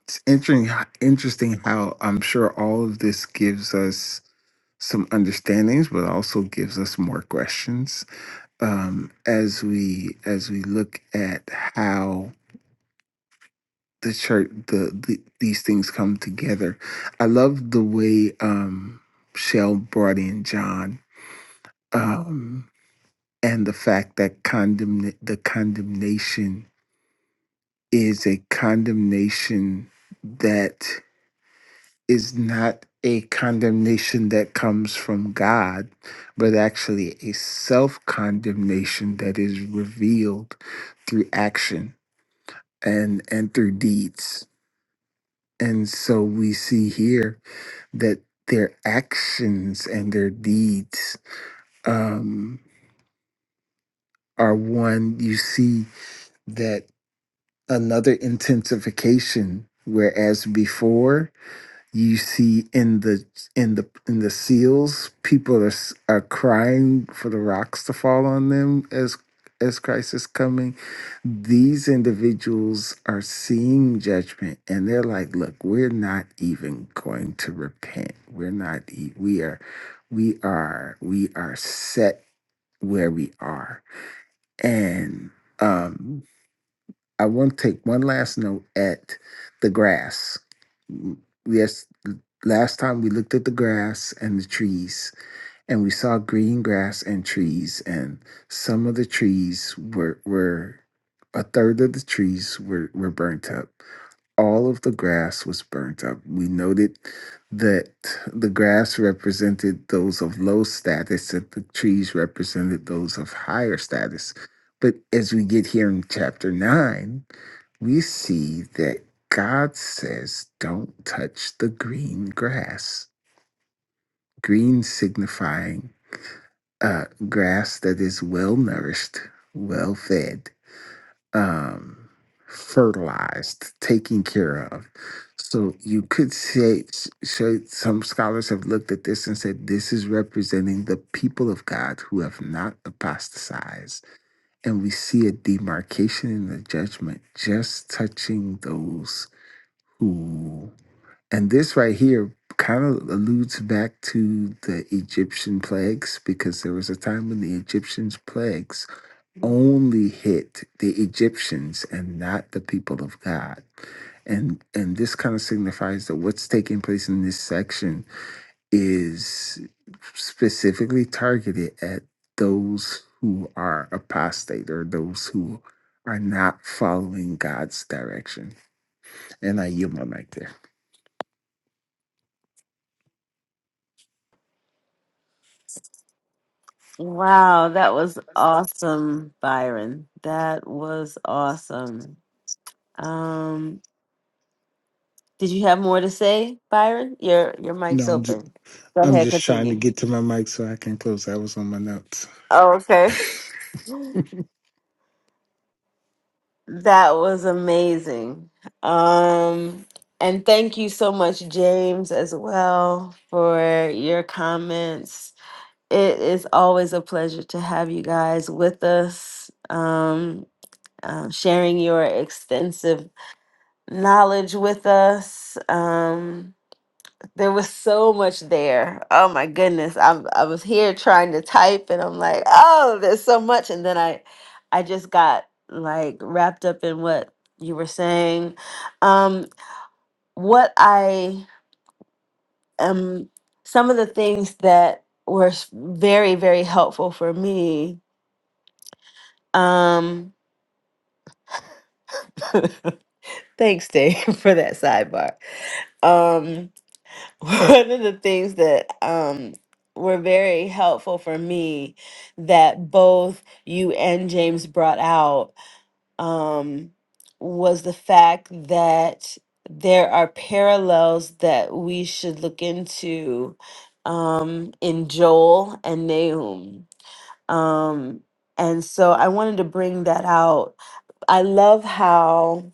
Speaker 5: it's interesting, interesting how I'm sure all of this gives us some understandings, but also gives us more questions um, as we as we look at how the church the, the these things come together. I love the way um, Shell brought in John um, and the fact that condemn the condemnation is a condemnation that is not a condemnation that comes from God, but actually a self condemnation that is revealed through action and, and through deeds. And so we see here that their actions and their deeds um, are one, you see that another intensification, whereas before, you see in the in the in the seals people are s- are crying for the rocks to fall on them as as Christ is coming these individuals are seeing judgment and they're like look we're not even going to repent we're not e- we are we are we are set where we are and um. I want to take one last note at the grass. Mm, Yes, last time we looked at the grass and the trees, and we saw green grass and trees, and some of the trees were were a third of the trees were were burnt up all of the grass was burnt up. We noted that the grass represented those of low status and the trees represented those of higher status. But as we get here in chapter 9, we see that God says, don't touch the green grass. Green signifying uh, grass that is well nourished, well fed um, fertilized, taken care of. So you could say, say, some scholars have looked at this and said this is representing the people of God who have not apostatized. And we see a demarcation in the judgment just touching those who. And this right here kind of alludes back to the Egyptian plagues because there was a time when the Egyptians' plagues only hit the Egyptians and not the people of God. And and this kind of signifies that what's taking place in this section is specifically targeted at those who are apostate or those who are not following God's direction. And I yield my mic there.
Speaker 1: Wow, that was awesome, Byron. That was awesome. Um, did you have more to say, Byron? Your your
Speaker 5: No,
Speaker 1: mic's
Speaker 5: I'm just,
Speaker 1: open. Go
Speaker 5: I'm
Speaker 1: ahead,
Speaker 5: just trying to
Speaker 1: continue.
Speaker 5: get to my mic so I can close. I was on my notes.
Speaker 1: Oh, okay. That was amazing. Um, and thank you so much, James, as well, for your comments. It is always a pleasure to have you guys with us, um, uh, sharing your extensive knowledge with us. Um, there was so much there. Oh my goodness. I am I was here trying to type and I'm like, "Oh, there's so much." And then I I just got like wrapped up in what you were saying. Um what I um some of the things that were s- very very helpful for me. Um thanks Dave for that sidebar. Um one of the things that um were very helpful for me that both you and James brought out um was the fact that there are parallels that we should look into um in Joel and Nahum. Um and so I wanted to bring that out. I love how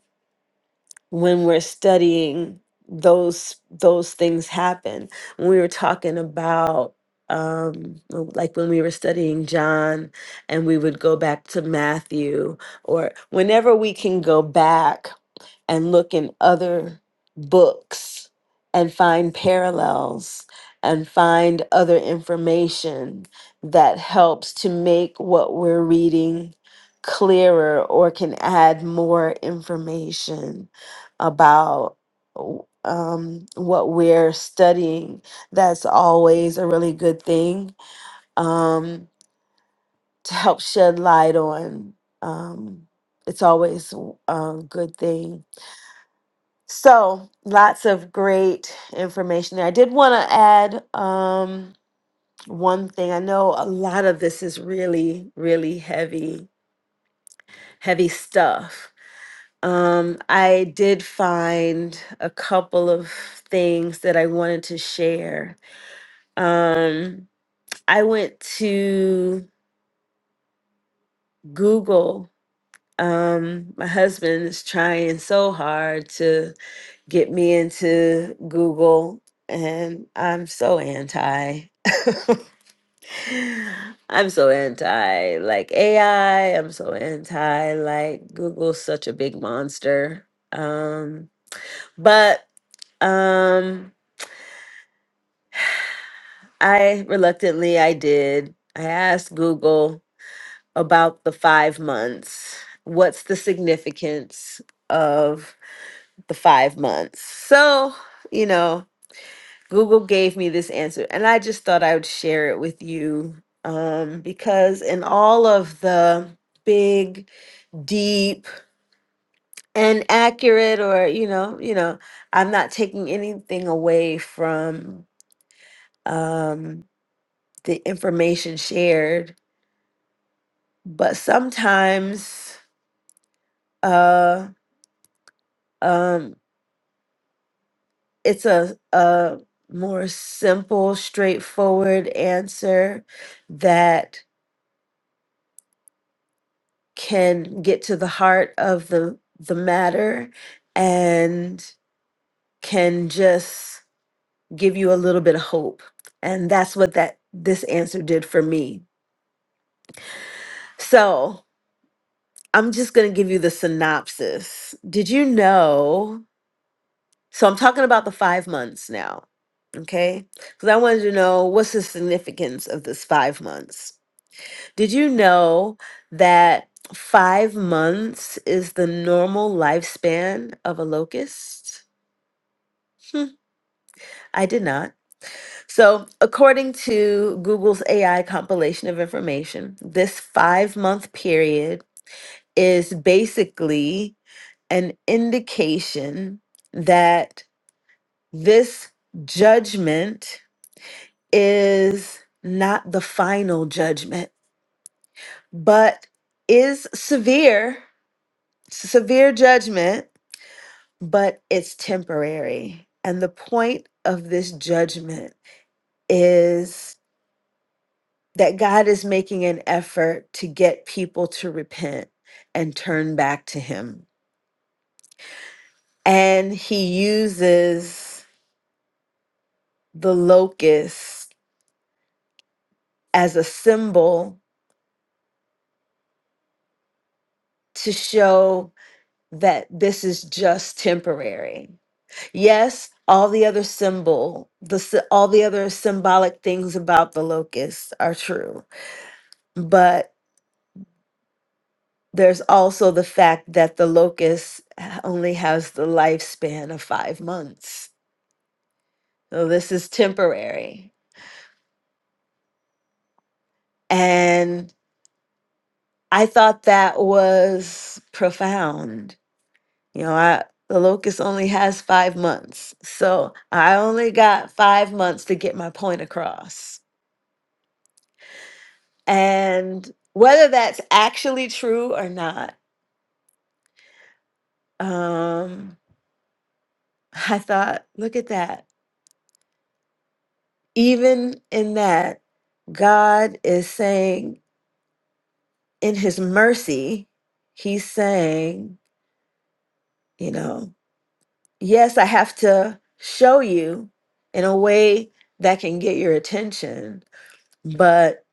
Speaker 1: when we're studying those those things happen when we were talking about um like when we were studying john and we would go back to matthew or whenever we can go back and look in other books and find parallels and find other information that helps to make what we're reading clearer or can add more information about w- um, what we're studying. That's always a really good thing um, to help shed light on. Um, it's always a good thing so lots of great information there. I did want to add um, one thing. I know a lot of this is really, really heavy, heavy stuff. Um, I did find a couple of things that I wanted to share. Um, I went to Google. Um, my husband is trying so hard to get me into Google, and I'm so anti. I'm so anti like AI. I'm so anti like Google's such a big monster. Um, but um, I reluctantly I did. I asked Google about the five months. What's the significance of the five months? So you know, Google gave me this answer, and I just thought I would share it with you um, because in all of the big deep and accurate or you know you know i'm not taking anything away from um the information shared but sometimes uh um it's a a more simple straightforward answer that can get to the heart of the the matter and can just give you a little bit of hope. And that's what that this answer did for me. So, I'm just going to give you the synopsis. Did you know? So, I'm talking about the 5 months now, okay? Cuz I wanted to know what's the significance of this 5 months. Did you know that 5 months is the normal lifespan of a locust? Hmm, I did not. So, according to Google's AI compilation of information, this five month period is basically an indication that this judgment is not the final judgment, but is severe, severe judgment, but it's temporary. And the point of this judgment is that God is making an effort to get people to repent and turn back to Him. And He uses the locust as a symbol to show that this is just temporary. Yes, all the other symbol, the sy- all the other symbolic things about the locust are true, but there's also the fact that the locust only has the lifespan of 5 months So this is temporary. And I thought that was profound. You know, I, the locust only has five months. So I only got five months to get my point across. And whether that's actually true or not, um, I thought, look at that. Even in that, God is saying, in his mercy, he's saying, you know, yes, I have to show you in a way that can get your attention, but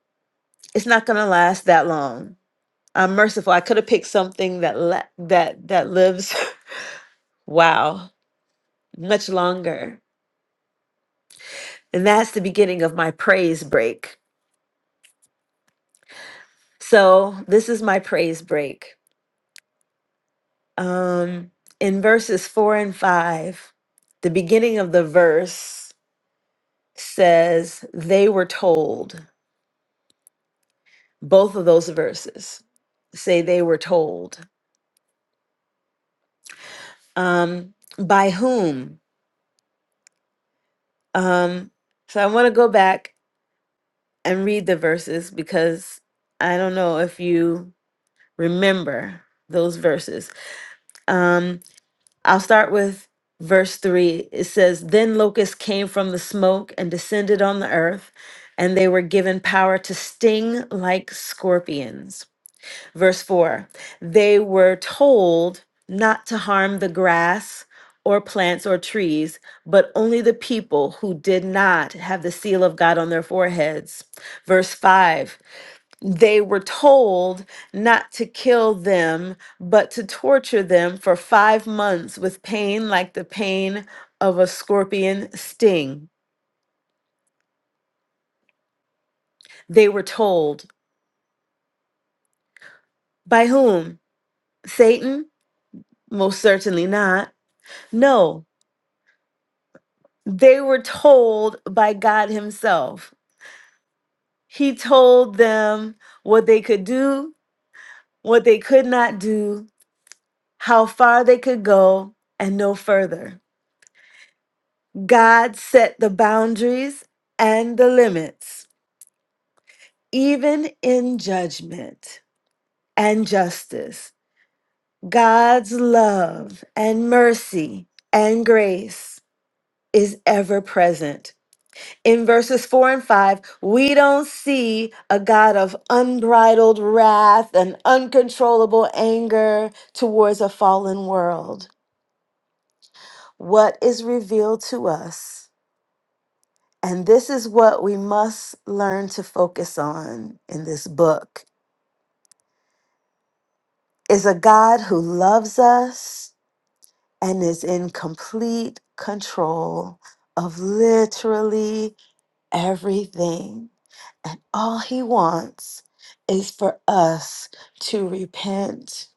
Speaker 1: it's not going to last that long. I'm merciful. I could have picked something that la- that that lives wow, much longer. And that's the beginning of my praise break. So, this is my praise break. Um in verses 4 and 5, the beginning of the verse says they were told Both of those verses say they were told. Um, by whom? Um, so I want to go back and read the verses because I don't know if you remember those verses. Um, I'll start with verse 3. It says, Then locusts came from the smoke and descended on the earth, and they were given power to sting like scorpions Verse 4 They were told not to harm the grass or plants or trees, but only the people who did not have the seal of God on their foreheads. Verse 5 They were told not to kill them, but to torture them for five months with pain like the pain of a scorpion sting. They were told by whom? Satan? Most certainly not. No, they were told by God Himself. He told them what they could do, what they could not do, how far they could go, and no further. God set the boundaries and the limits, even in judgment and justice. God's love and mercy and grace is ever present in verses four and five, we don't see a God of unbridled wrath and uncontrollable anger towards a fallen world. What is revealed to us, and this is what we must learn to focus on in this book, is a God who loves us and is in complete control of literally everything. And all he wants is for us to repent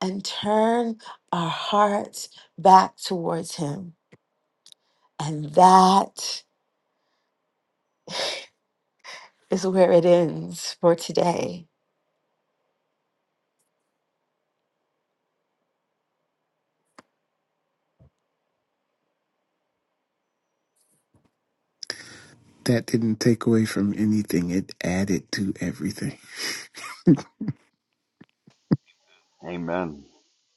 Speaker 1: and turn our hearts back towards him. And that is where it ends for today.
Speaker 5: That didn't take away from anything. It added to everything.
Speaker 4: Amen.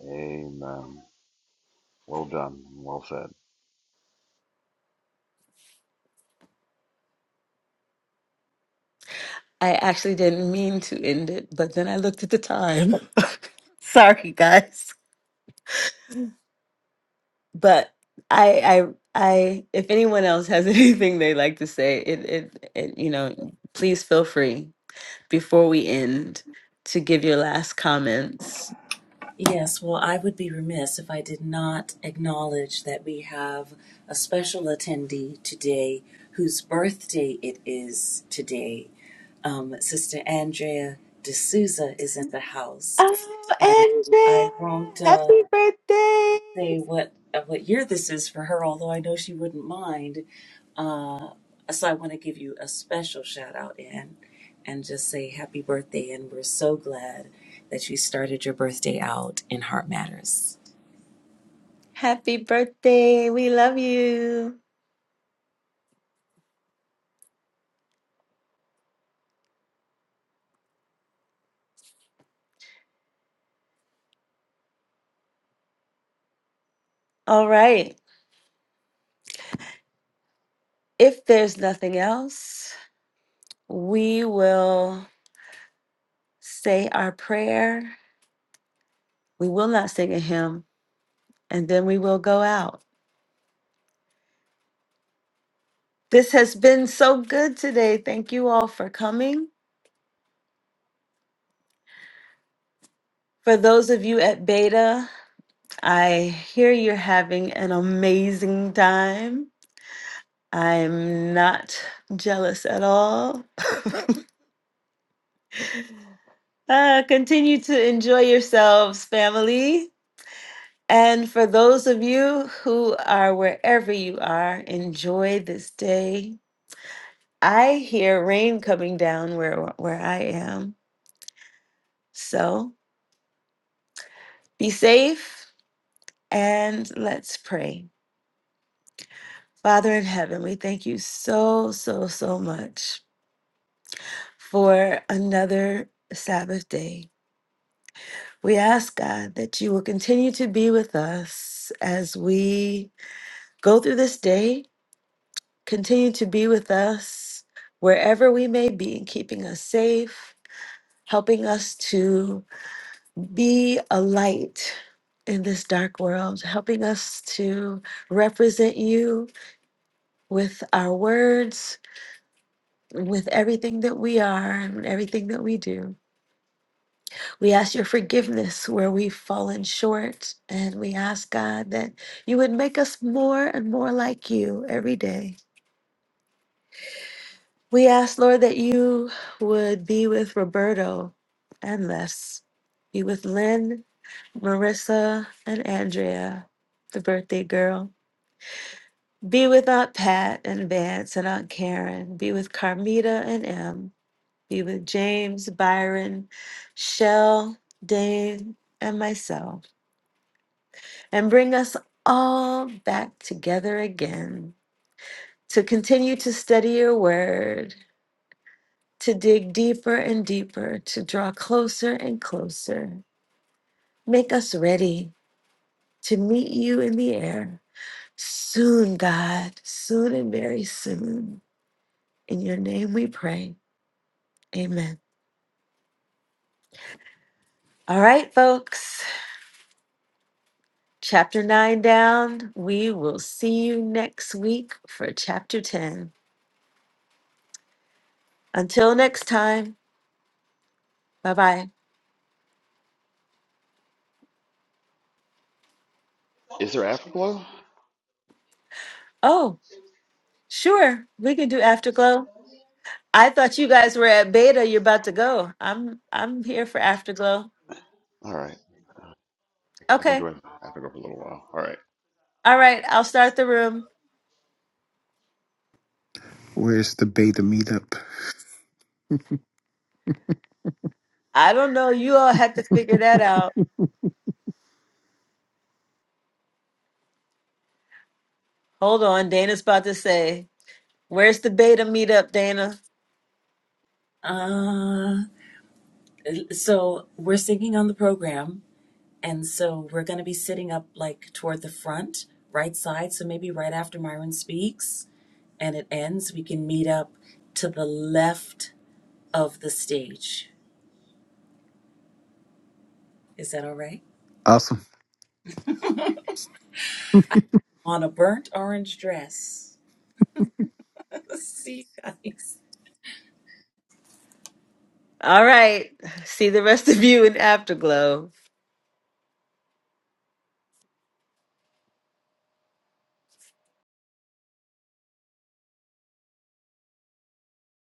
Speaker 4: Amen. Well done. Well said.
Speaker 1: I actually didn't mean to end it, but then I looked at the time. Sorry, guys. But I, I, I, if anyone else has anything they like to say, it, it, it, you know, please feel free before we end to give your last comments
Speaker 2: Yes, well, I would be remiss if I did not acknowledge that we have a special attendee today whose birthday it is today. Um, Sister Andrea D'Souza is in the house, and I
Speaker 1: Oh,
Speaker 2: won't
Speaker 1: Andrea,
Speaker 2: uh,
Speaker 1: happy birthday!
Speaker 2: say what uh, what year this is for her, although I know she wouldn't mind. Uh, so I want to give you a special shout out, Anne, and just say happy birthday, and we're so glad that you started your birthday out in Heart Matters.
Speaker 1: Happy birthday. We love you. All right. If there's nothing else, we will say our prayer. We will not sing a hymn, and then we will go out. This has been so good today. Thank you all for coming. For those of you at Beta, I hear you're having an amazing time. I'm not jealous at all. Uh, continue to enjoy yourselves, family. And for those of you who are wherever you are, enjoy this day. I hear rain coming down where where I am. So be safe and let's pray. Father in heaven, we thank you so, so, so much for another Sabbath day. We ask God that you will continue to be with us as we go through this day, continue to be with us wherever we may be, keeping us safe, helping us to be a light in this dark world, helping us to represent you with our words, with everything that we are and everything that we do. We ask your forgiveness where we've fallen short, and we ask God that you would make us more and more like you every day. We ask, Lord, that you would be with Roberto and Les, be with Lynn, Marissa, and Andrea, the birthday girl. Be with Aunt Pat and Vance and Aunt Karen. Be with Carmita and Em. Even James, Byron, Shell, Dave, and myself, and bring us all back together again to continue to study your word, to dig deeper and deeper, to draw closer and closer. Make us ready to meet you in the air soon, God, soon and very soon. In your name we pray. Amen. All right, folks. chapter 9 down. We will see you next week for chapter 10. Until next time, bye bye.
Speaker 4: Is there Afterglow?
Speaker 1: Oh, sure, we can do Afterglow. I thought you guys were at beta. You're about to go. I'm I'm here for Afterglow.
Speaker 4: All right, I can
Speaker 1: Okay.
Speaker 4: join Afterglow for a little while. All right.
Speaker 1: All right, I'll start the room.
Speaker 5: Where's the beta meetup?
Speaker 1: I don't know. You all have to figure that out. Hold on. Dana's about to say, Where's the beta meetup, Dana?
Speaker 2: Uh, so we're singing on the program, and so we're going to be sitting up like toward the front, right side. So maybe right after Myron speaks and it ends, we can meet up to the left of the stage. Is that all right?
Speaker 5: Awesome.
Speaker 2: On a burnt orange dress. See you guys.
Speaker 1: All right. See the rest of you in Afterglow.